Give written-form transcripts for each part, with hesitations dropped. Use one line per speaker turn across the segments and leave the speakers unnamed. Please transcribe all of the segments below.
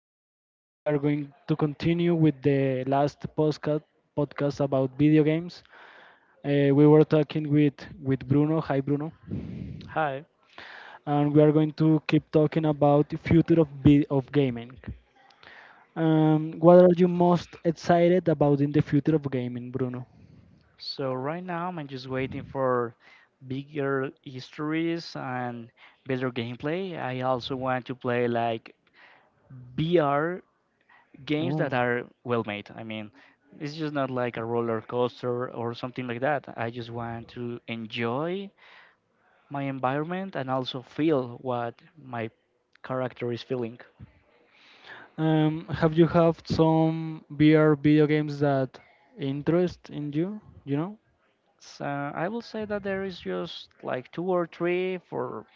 how are you today? We are going to continue with the last podcast about video games. We were talking with Bruno. Hi Bruno,
Hi.
and we are going to keep talking about the future of gaming. What are you most excited about in the future of gaming, Bruno?
So right now I'm just waiting for bigger histories and better gameplay. I also want to play like VR games
Oh.
that are well made. I mean, it's just not like a roller coaster or something like that. I just want to enjoy my environment and also feel what my character is feeling.
Have you have some VR video games that interest in you? You know?
So I will say that there is just like two or three for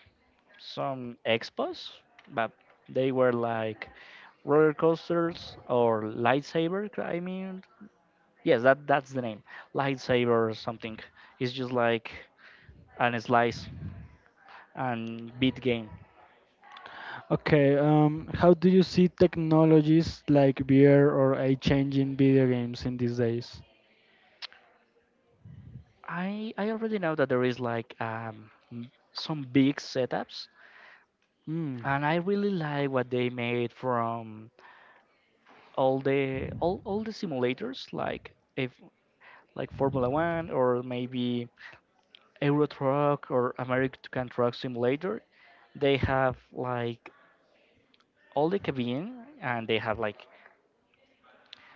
some expos, but they were like roller coasters or lightsaber. I mean, yes, that's the name, lightsaber or something. It's just like an slice and beat game.
Okay, how do you see technologies like VR or AI changing video games in these days?
I already know that there is like some big setups,
Hmm.
and I really like what they made from all the simulators, like if like formula one or maybe euro truck or american truck simulator. They have like all the cabin, and they have like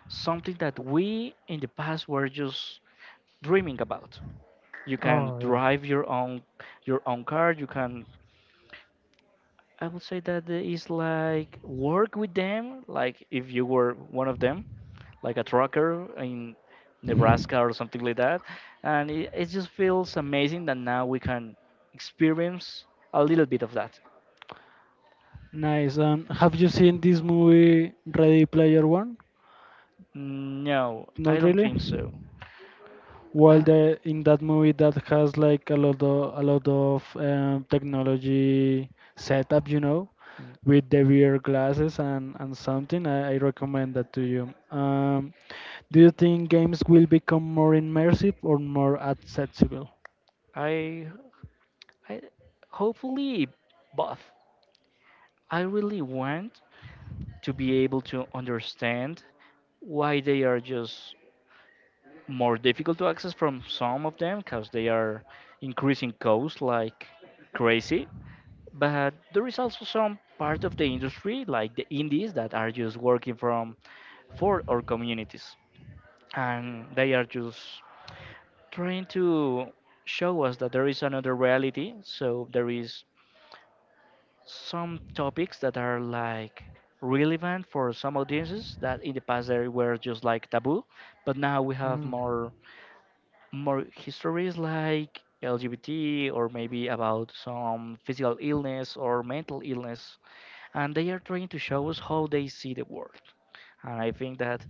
something that we in the past were just dreaming about. You can
Oh, yeah.
drive your own car. You can I would say that it's like work with them, like if you were one of them, like a trucker in
Hmm.
Nebraska or something like that. And it just feels amazing that now we can experience a little bit of that.
Nice. Have you seen this movie Ready Player One?
No, I
Not
don't
really?
think so.
Well,
I
the in that movie that has like a lot of technology setup, you know, with the VR glasses and something. I recommend that to you. Do you think games will become more immersive or more accessible?
I, I hopefully both. I really want to be able to understand why they are just more difficult to access from some of them because they are increasing costs like crazy. But there is also some part of the industry, like the indies, that are just working from for our communities, and they are just trying to show us that there is another reality. So there is some topics that are like relevant for some audiences that in the past they were just like taboo, but now we have
Mm.
more histories like LGBT or maybe about some physical illness or mental illness, and they are trying to show us how they see the world. And I think that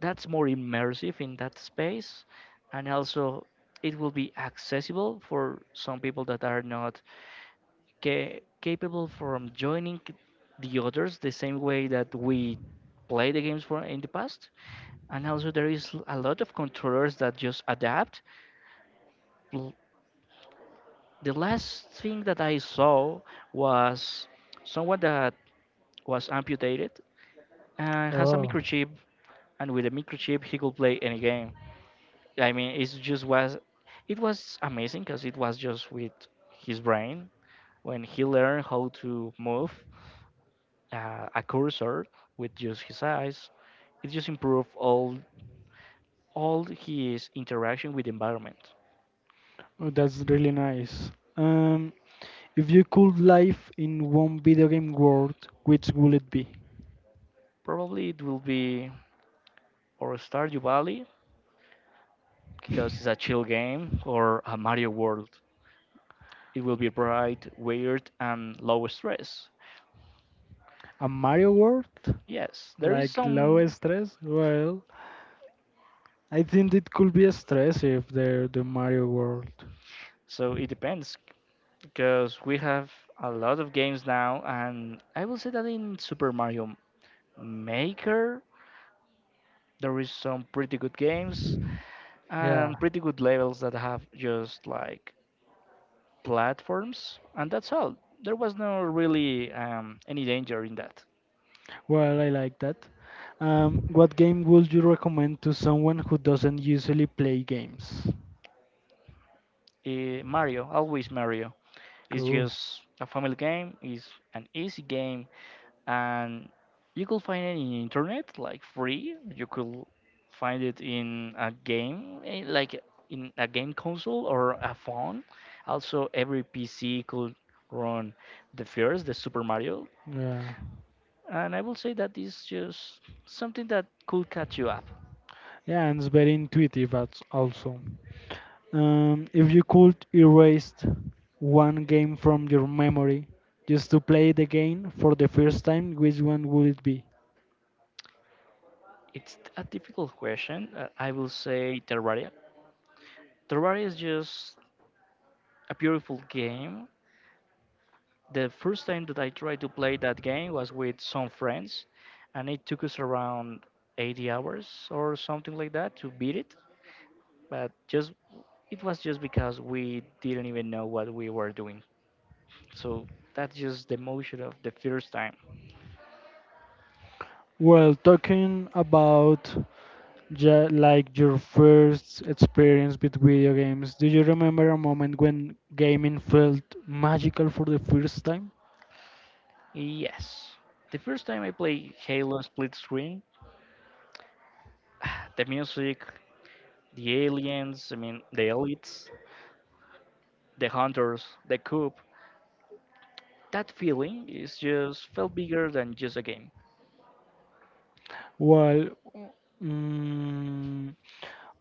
that's more immersive in that space, and also it will be accessible for some people that are not capable from joining the others the same way that we play the games for in the past. And also there is a lot of controllers that just adapt. L- the last thing that I saw was someone that was amputated and has a
Oh.
microchip, and with a microchip he could play any game. I mean, it was amazing because it was just with his brain. When he learned how to move a cursor with just his eyes, it just improve all his interaction with the environment.
Oh, that's really nice. If you could live in one video game world, which would it be?
Probably it will be or Stardew Valley because it's a chill game, or a Mario World. It will be bright, weird, and low stress.
A Mario world?
Yes, there is
Like low
some.
stress? Well, I think it could be a stress if they're the Mario World.
So it depends because we have a lot of games now, and I will say that in Super Mario Maker there is some pretty good games
Yeah,
and pretty good labels that have just like platforms, and that's all. There was no really any danger in that.
well, I like that. What game would you recommend to someone who doesn't usually play games?
Mario, always Mario, is
Cool.
just a family game, is an easy game, and you could find it in internet, like free. You could find it in a game, like in a game console or a phone. Also, every PC could run the first, the Super Mario.
Yeah,
And I will say that is just something that could catch you up.
yeah, and it's very intuitive as also. If you could erase one game from your memory just to play it again for the first time, which one would it be?
It's a difficult question. I will say Terraria. Terraria is just a beautiful game. The first time that I tried to play that game was with some friends, and it took us around 80 hours or something like that to beat it. But just it was just because we didn't even know what we were doing. So that's just the emotion of the first time.
Well, talking about like your first experience with video games, do you remember a moment when gaming felt magical for the first time?
Yes, the first time I played Halo Split Screen the music, the aliens, I mean, the elites, the hunters, the coup. That feeling is just felt bigger than just a game.
Well, mm,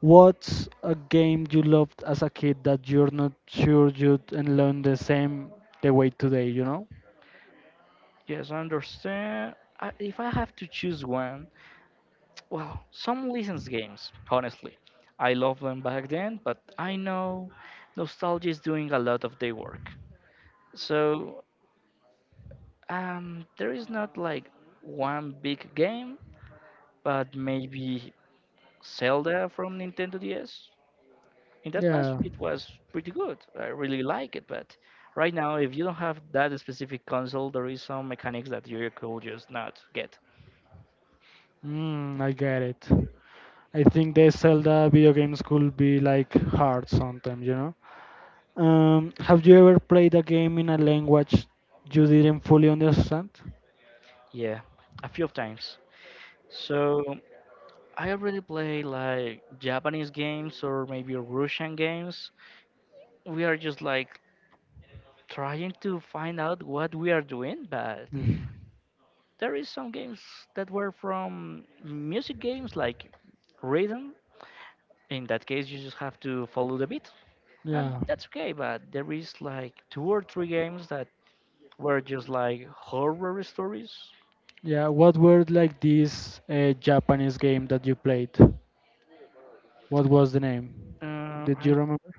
what's a game you loved as a kid that you're not sure you'd and learn the same the way today,
Yes, I understand. If I have to choose one, well, some license games, honestly. I loved them back then, but I know nostalgia is doing a lot of their work. So, there is not like one big game, but maybe Zelda from Nintendo DS, in that past
Yeah.
it was pretty good. I really like it, but right now, if you don't have that specific console, there is some mechanics that you could just not get.
I get it. I think the Zelda video games could be like hard sometimes, you know? Have you ever played a game in a language you didn't fully understand?
Yeah, a few of times. So I already play like Japanese games or maybe Russian games. We are just like trying to find out what we are doing, but
Mm,
there is some games that were from music games like rhythm. In that case, you just have to follow the beat, and
yeah.
that's okay. But there is like two or three games that were just like horror stories.
Yeah, what were like this Japanese game that you played? What was the name?
Uh,
Did you
I'm,
remember?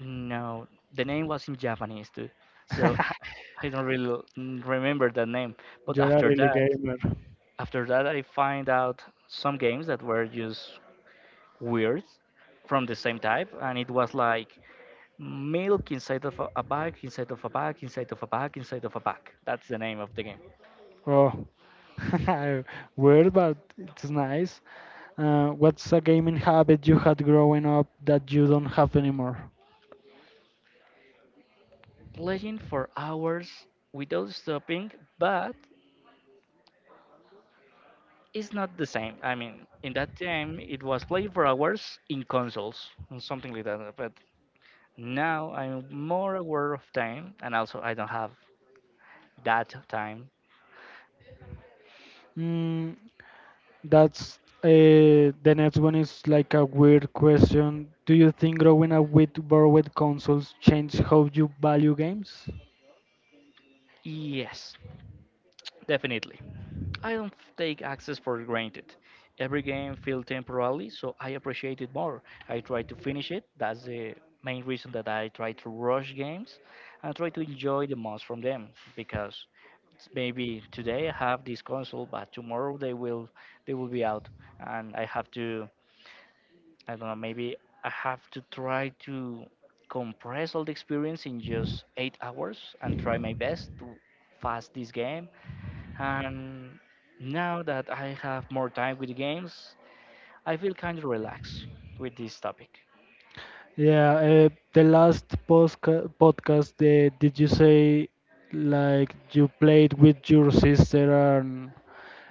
no, the name was in Japanese too, so I, I don't really remember the name. But
You're a
after
really
that,
gamer.
after that, I find out some games that were just weird from the same type, and it was like milk inside of a bag, inside of a bag, inside of a bag, inside of a bag. That's the name of the game.
Oh, weird, but it's nice. What's a gaming habit you had growing up that you don't have anymore?
Playing for hours without stopping, but it's not the same. I mean, in that time, it was playing for hours in consoles and something like that. But now I'm more aware of time, and also I don't have that time.
Mm, that's The next one is like a weird question. Do you think growing up with borrowed consoles changed how you value games?
Yes, definitely. I don't take access for granted. Every game feels temporarily, so I appreciate it more. I try to finish it. That's the main reason that I try to rush games and try to enjoy the most from them because it's maybe today I have this console, but tomorrow they will be out, and I have to I don't know, maybe I have to try to compress all the experience in just 8 hours and try my best to fast this game. And now that I have more time with the games, I feel kind of relaxed with this topic.
Yeah, the last podcast, did you say like you played with your sister and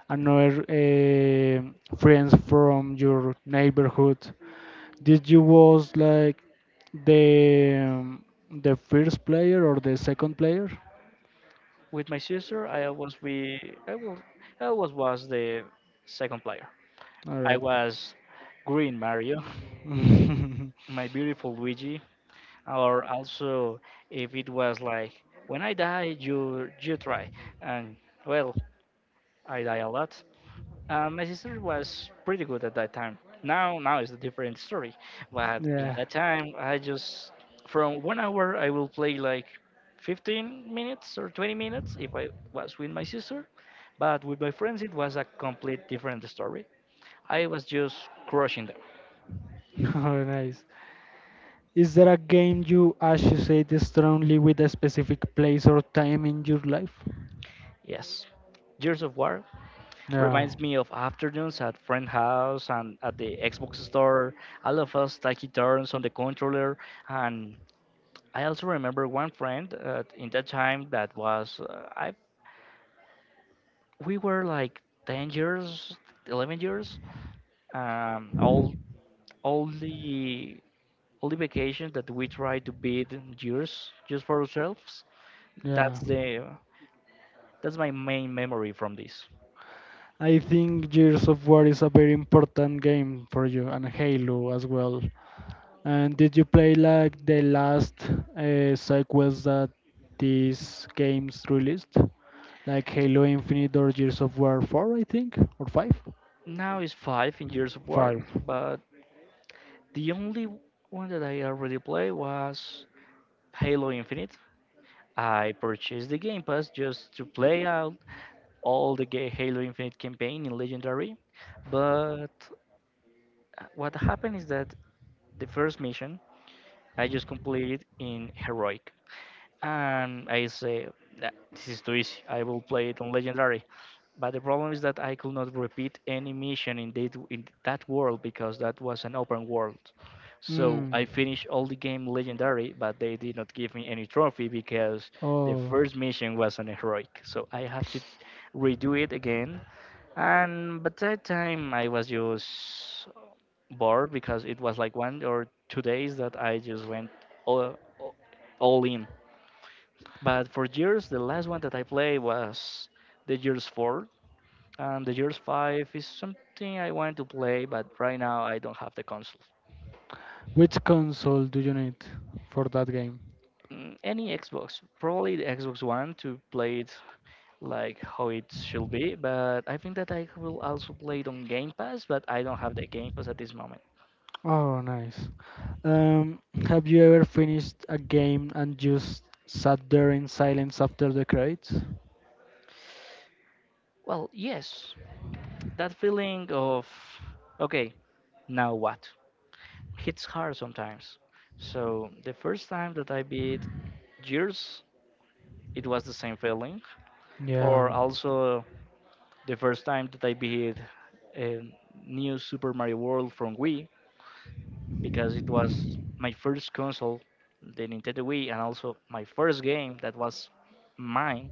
another friends from your neighborhood. Did you was like the um, the first player or the second player?
With my sister, I was, I always was the second player.
All
I
right.
was Green Mario, my beautiful Luigi, or also if it was like when I die, you try, and well, I die a lot. My sister was pretty good at that time. Now is a different story. But in
Yeah.
that time, I just from 1 hour I will play like 15 minutes or 20 minutes if I was with my sister. But with my friends, it was a complete different story. I was just crushing them.
Oh, nice. Is there a game you associate strongly with a specific place or time in your life?
Yes. Gears of War
Yeah,
reminds me of afternoons at friend house and at the Xbox store, all of us taking turns on the controller. And I also remember one friend in that time that was I we were like 10 years, 11 years. Um, all all the all the vacations that we try to beat years just for ourselves.
yeah.
That's the that's my main memory from this.
I think Gears of War is a very important game for you, and Halo as well. And did you play like the last sequels that these games released, like Halo Infinite or Gears of War 4, I think, or 5?
Now it's five in years of war,
5.
but the only one that I already played was Halo Infinite. I purchased the Game Pass just to play out all the Halo Infinite campaign in Legendary. But what happened is that the first mission I just completed in Heroic, and I say, "Nah, this is too easy. I will play it on Legendary." But the problem is that I could not repeat any mission in that world because that was an open world. So
Mm.
I finished all the game Legendary, but they did not give me any trophy because the
Oh,
first mission was an heroic. So I have to redo it again. And but that time I was just bored because it was like 1 or 2 days that I just went all, all all in. But for years, the last one that I played was the years four, and the years five is something I want to play, but right now I don't have the console.
which console do you need for that game?
Any Xbox, probably the Xbox One to play it like how it should be, but I think that I will also play it on Game Pass, but I don't have the Game Pass at this moment.
Oh, nice. Um, have you ever finished a game and just sat there in silence after the credits?
Well, yes, that feeling of okay, now what? Hits hard sometimes. So the first time that I beat Gears, it was the same feeling,
Yeah.
or also the first time that I beat um, New Super Mario World from Wii because it was my first console, the Nintendo Wii, and also my first game that was mine.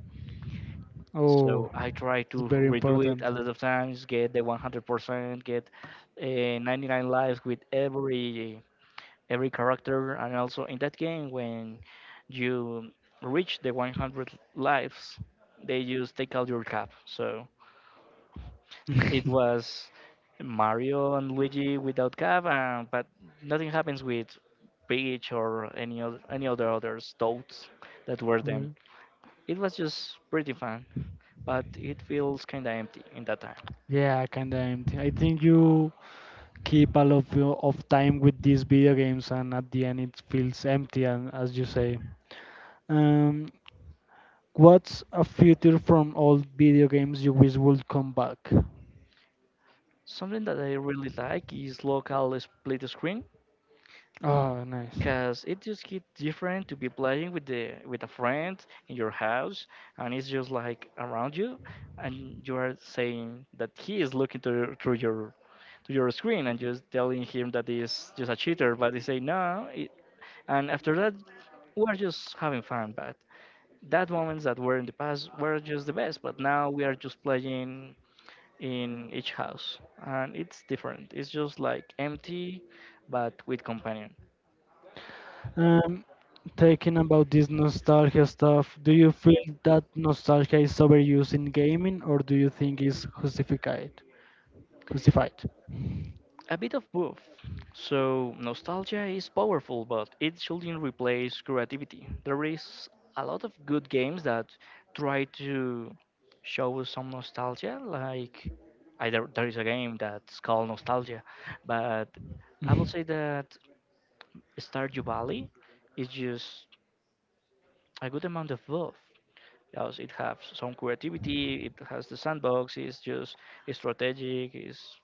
So
Oh,
I tried
it's
to
very
redo it a
important.
lot of times, get the 100%, get 99 lives with every character, and also in that game when you reach the 100 lives, they just take out your cap. So it was Mario and Luigi without cap, but nothing happens with Peach or any other others toads that were them.
Mm.
It was just pretty fun, but it feels kinda empty in that time.
Yeah, kinda empty. I think you keep a lot of, of time with these video games, and at the end, it feels empty, and as you say. Um, what's a future from old video games you wish would come back?
Something that I really like is local split screen,
Oh, nice.
because it just get different to be playing with the with a friend in your house, and it's just like around you and you are saying that he is looking to, through your to your screen and just telling him that he's just a cheater, but they say no it, and after that we're just having fun. But that moments that were in the past were just the best, but now we are just playing in each house and it's different, it's just like empty but with companion.
Um, talking about this nostalgia stuff, do you feel that nostalgia is overused in gaming, or do you think it's justified? Justified.
A bit of both. So nostalgia is powerful, but it shouldn't replace creativity. There is a lot of good games that try to show us some nostalgia, like either there is a game that's called Nostalgia, but I will say that Stardew Valley is just a good amount of both. Because it has some creativity, it has the sandbox, it's just strategic, it's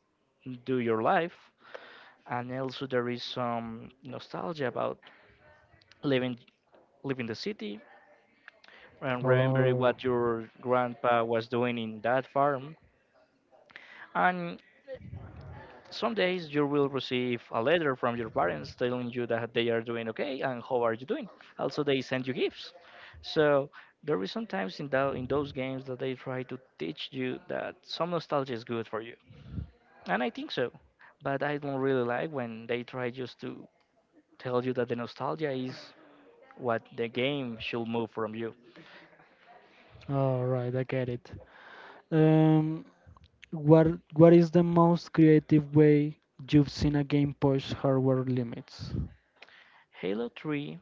do your life, and also there is some nostalgia about living living the city and remembering
Oh,
what your grandpa was doing in that farm. And some days you will receive a letter from your parents telling you that they are doing okay and how are you doing. Also, they send you gifts. So there is sometimes in that in those games that they try to teach you that some nostalgia is good for you, and I think so. But I don't really like when they try just to tell you that the nostalgia is what the game should move from you.
all right, I get it. Um, what what is the most creative way you've seen a game push hardware limits?
Halo 3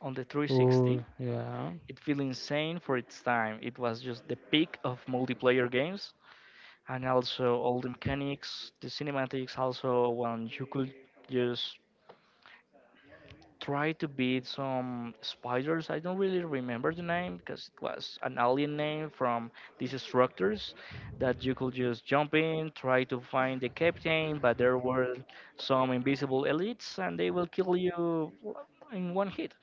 on the 360,
Oh, yeah,
it feel insane for its time. It was just the peak of multiplayer games, and also all the mechanics, the cinematics, also when you could just try to beat some spiders. I don't really remember the name because it was an alien name from these structures that you could just jump in, try to find the captain, but there were some invisible elites and they will kill you in one hit.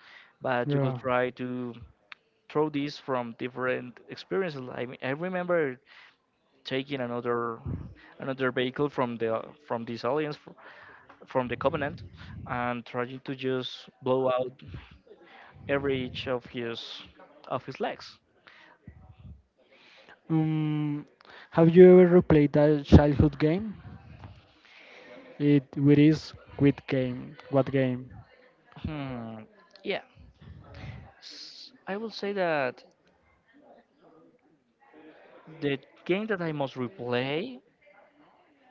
But you could
yeah.
try to throw these from different experiences. I mean, I remember taking another vehicle from these aliens from the covenant and trying to just blow out every each of his legs.
Um, have you ever replayed that childhood game? It is quit game. What game?
Hmm. Yeah, I will say that the game that I must replay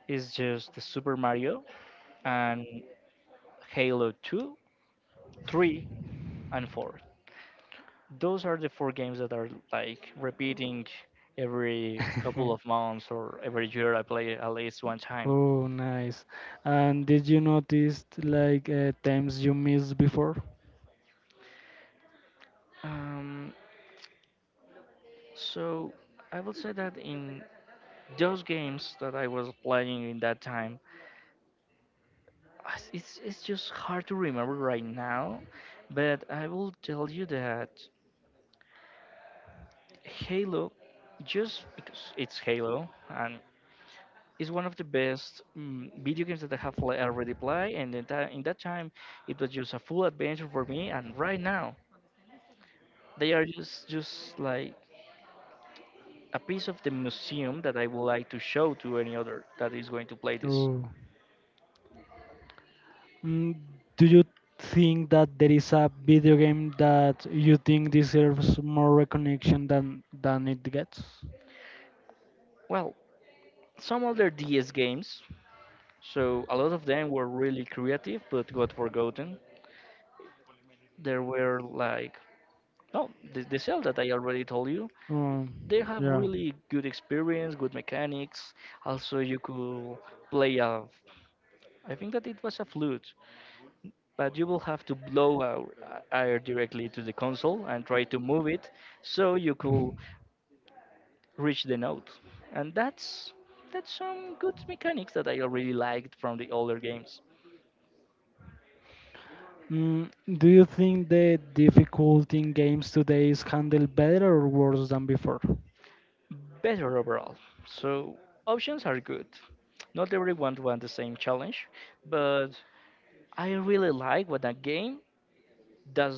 is just the Super Mario and Halo 2, 3, and 4. Those are the four games that are like repeating every couple of months or every year. I play at least one time.
Oh, nice. And did you notice like times you missed before?
Um, so I will say that in those games that I was playing in that time, it's just hard to remember right now, but I will tell you that Halo, just because it's Halo, and is one of the best video games that I have pla already played, and in that time, it was just a full adventure for me. And right now, they are just like a piece of the museum that I would like to show to any other that is going to play this.
Oh. Mm, do you think that there is a video game that you think deserves more recognition than it gets?
Well, some other DS games, so a lot of them were really creative but got forgotten. There were like no the cell that I already told you,
Um,
they have
yeah.
really good experience, good mechanics. Also you could play a, I think that it was a flute, but you will have to blow out air directly to the console and try to move it so you
could
could reach the note. And that's some good mechanics that I already liked from the older games.
Mm, do you think the difficulty in games today is handled better or worse than before?
Better overall, so options are good, not everyone wants the same challenge. But I really like what that game does,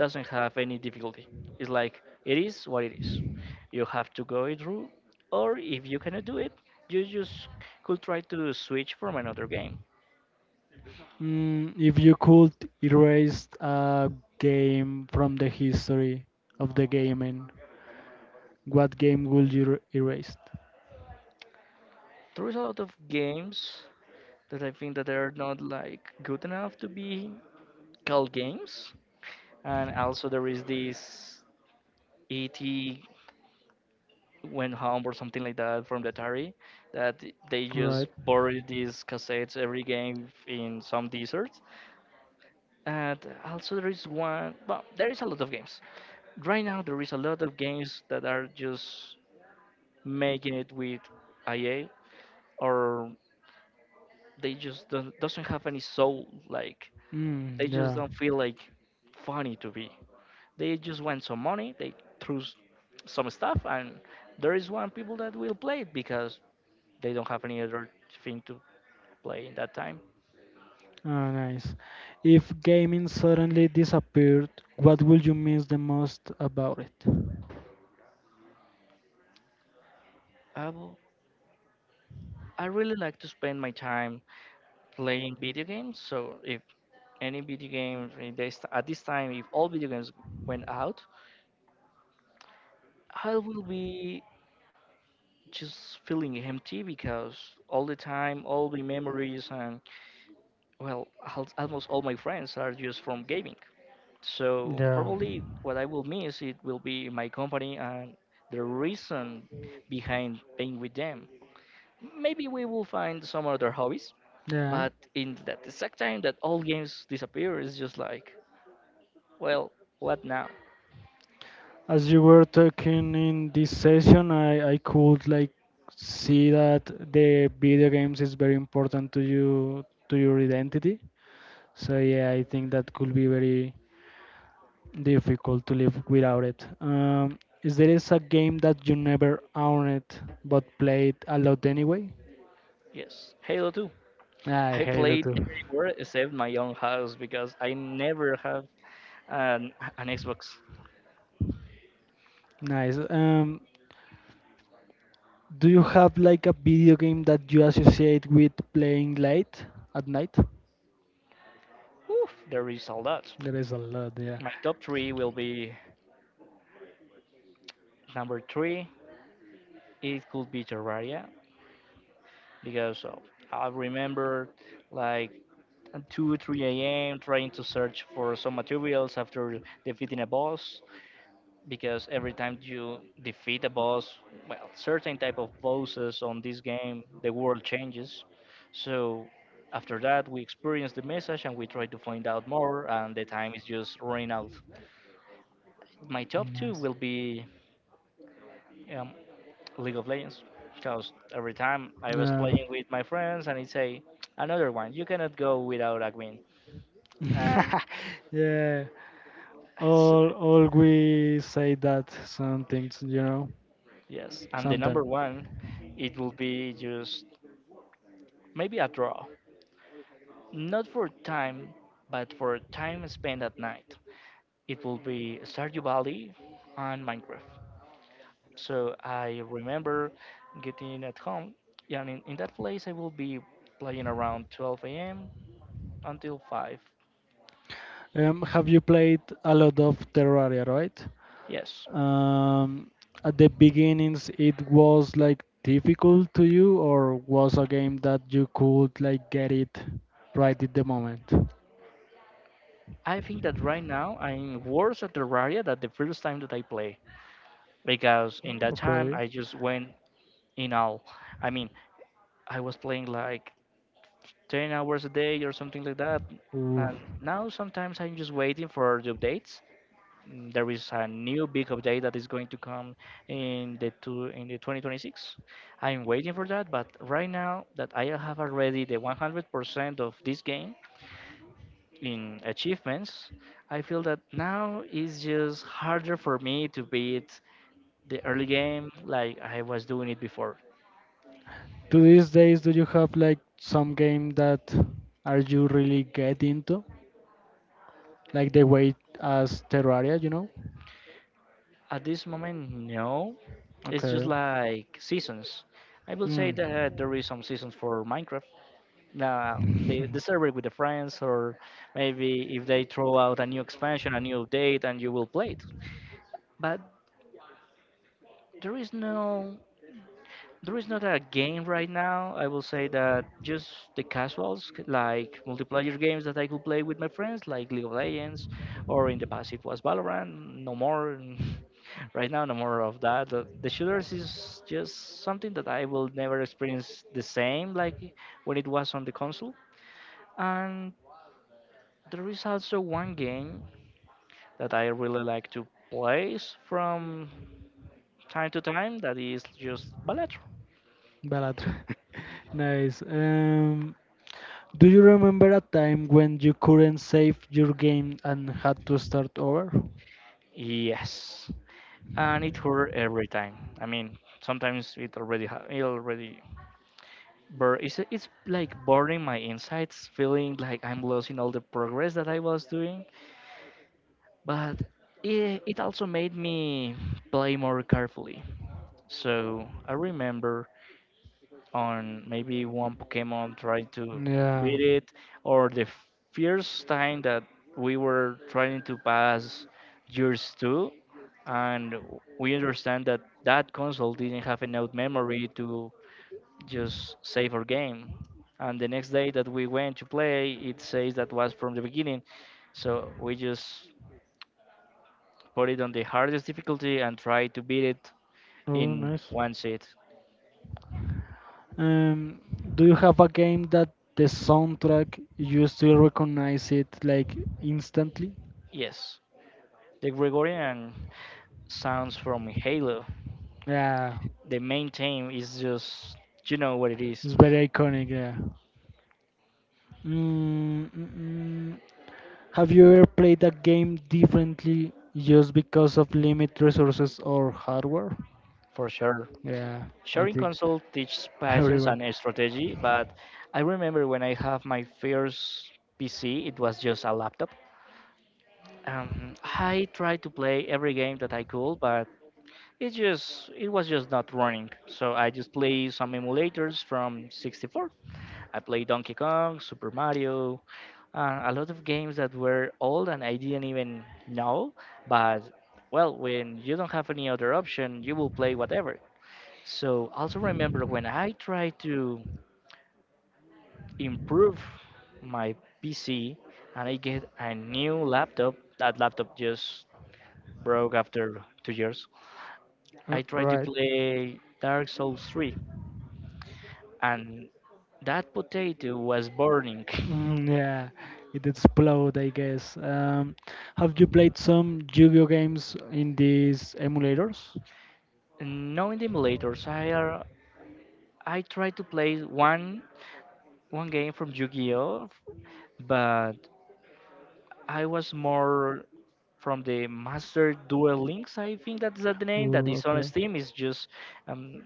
doesn't have any difficulty. It's like it is what it is. You have to go it through, or if you cannot do it, you just could try to switch from another game.
Mm, if you could erase a game from the history of the gaming, what game would you erase?
There is a lot of games that I think that they are not like good enough to be called games, and also there is this ET went home or something like that from the Atari, that they
All
just
right.
borrowed
most
these cassettes, every game, in some desert. And also there is one, well, there is a lot of games right now, there is a lot of games that are just making it with ia, or they just don't, doesn't have any soul, like they
Mm,
just
yeah.
don't feel like funny to be, they just want some money, they threw some stuff, and there is one people that will play it because they don't have any other thing to play in that time.
Ah, nice. If gaming suddenly disappeared, what would you miss the most about it?
i will, I really like to spend my time playing video games, so if any video game in at this time, if all video games went out, I will be just feeling empty because all the time, all the memories, and well, almost all my friends are just from gaming. So
Yeah.
probably what I will miss, it will be my company and the reason behind being with them. Maybe we will find some other hobbies,
Yeah.
but in that exact time that all games disappear, it's just like, well, what now?
As you were talking in this session, I could like see that the video games is very important to you to your identity. So yeah, I think that could be very difficult to live without it. Is there is a game that you never owned but played a lot anyway?
Yes, Halo 2
I
I
Halo
played
too.
everywhere except my own house, because I never have an, an Xbox.
Nice. Do you have like a video game that you associate with playing late at night?
Oof, there is a lot.
There is a lot, yeah.
My top three will be: number three, it could be Terraria, because I remember like at 2, 3 a.m. trying to search for some materials after defeating a boss, because every time you defeat a boss, well, certain type of bosses on this game, the world changes. So after that, we experience the message and we try to find out more, and the time is just running out. My top two
Nice.
will be um, League of Legends, because every time I was
Yeah.
playing with my friends, and it say another one, you cannot go without a win. And
Yeah. All we say that some things, you know,
yes, and the
sometimes.
number one, it will be just maybe a draw. Not for time, but for time spent at night. It will be Stardew Valley and Minecraft. So I remember getting at home, and in that place I will be playing around 12 a.m. until 5.
Have you played a lot of Terraria, right?
Yes.
Um, at the beginnings, it was like difficult to you, or was a game that you could like get it right at the moment?
I think that right now I'm worse at Terraria than the first time that I play, because in that time
Okay.
I just went in all. I mean, I was playing like 10 hours a day or something like that.
Oof.
And now sometimes I'm just waiting for the updates. There is a new big update that is going to come in the 2026. I'm waiting for that, but right now that I have already the 100% of this game in achievements, I feel that now it's just harder for me to beat the early game like I was doing it before.
To these days, do you have like some game that are you really get into, like the way as Terraria, you know?
At this moment, no. It's just
Okay.
like seasons. I will say
Mm.
that there is some seasons for Minecraft. Now the server with the friends, or maybe if they throw out a new expansion, a new update, and you will play it. But there is no there is not a game right now. I will say that just the casuals, like multiplayer games that I could play with my friends, like League of Legends, or in the past it was Valorant. No more. Right now, no more of that. The shooters is just something that I will never experience the same like when it was on the console. And there is also one game that I really like to play from time to time, that is just Balatro.
Balatro. Nice. Do you remember a time when you couldn't save your game and had to start over?
Yes. And it hurt every time. I mean, sometimes it already it already it's like burning my insides, feeling like I'm losing all the progress that I was doing. But it also made me play more carefully. So I remember on maybe one Pokemon trying to
Yeah.
beat it, or the first time that we were trying to pass years two, and we understand that that console didn't have enough memory to just save our game. And the next day that we went to play, it says that was from the beginning. So we just put it on the hardest difficulty and try to beat it
Oh,
in
nice.
one sit.
Um, do you have a game that the soundtrack you still recognize it like instantly?
Yes. The Gregorian sounds from Halo,
Yeah,
the main theme is just, you know what it is
it's very iconic. Yeah. Mm, mm, mm. Have you ever played a game differently just because of limited resources or hardware?
for sure.
Yeah, I
Sharing
think
console teaches patience
everyone.
and strategy, but I remember when I have my first PC, it was just a laptop. I tried to play every game that I could, but it was just not running. So I just played some emulators from 64. I played Donkey Kong, Super Mario, a lot of games that were old and I didn't even know. But well, when you don't have any other option, you will play whatever. So also remember when I tried to improve my PC and I get a new laptop, that laptop just broke after 2 years. I tried to
Right.
play Dark Souls 3 and that potato was burning.
Yeah, it explode, I guess. Have you played some Yu-Gi-Oh games in these emulators?
No emulators. I tried to play one game from Yu-Gi-Oh, but I was more from the Master Duel Links. I think that's the name that
Mm,
is on
okay.
Steam. Um,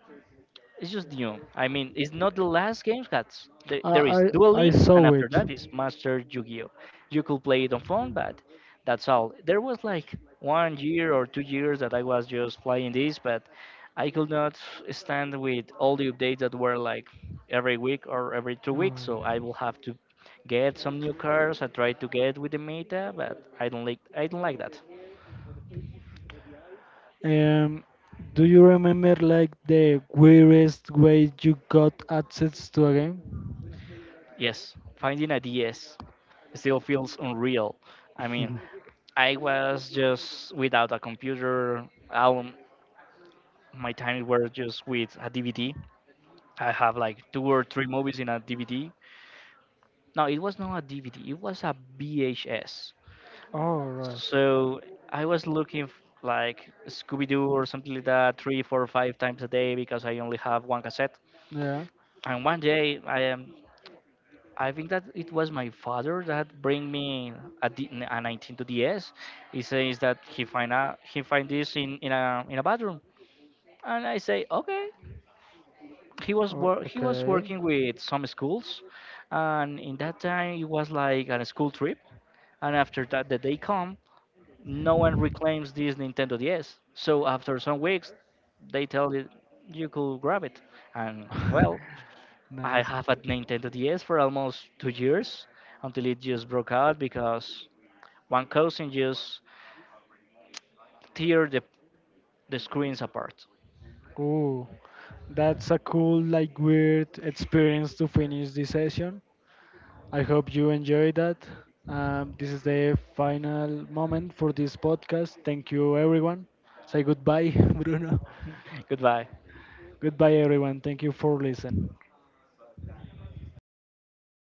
it's just new. I mean, it's not the last game, cats. There,
I
there is
I
Duel
I
Links, and
saw
after
it.
that is Master Yu-Gi-Oh. You could play it on phone, but that's all. There was like 1 year or 2 years that I was just playing this, but I could not stand with all the updates that were like every week or every 2 weeks. So I
Mm.
will have to get some new cards. I tried to get with the meta, but I don't like that.
Um, do you remember like the weirdest way you got access to a game?
Yes, finding a DS still feels unreal. I mean, I was just without a computer. All my time were just with a DVD. I have like two or three movies in a DVD. No, it was not a DVD. It was a VHS.
Oh right.
So I was looking like Scooby Doo or something like that, three, four, five times a day, because I only have one cassette.
Yeah.
And one day I am. I think that it was my father that bring me a 19 to DS. He says that he find out he find this in, in a bathroom. And I say, okay.
Oh,
He was
okay.
working with some schools, and in that time it was like on a school trip. And after that, the day come, no one reclaims this Nintendo DS. So after some weeks, they tell it you could grab it. And well, I
Nice.
have a Nintendo DS for almost 2 years until it just broke out because one cousin just tear the screens apart.
Ooh, that's a cool, like, weird experience to finish this session. I hope you enjoy that. This is the final moment for this podcast. Thank you, everyone. Say goodbye, Bruno.
Goodbye.
Goodbye, everyone. Thank you for listening.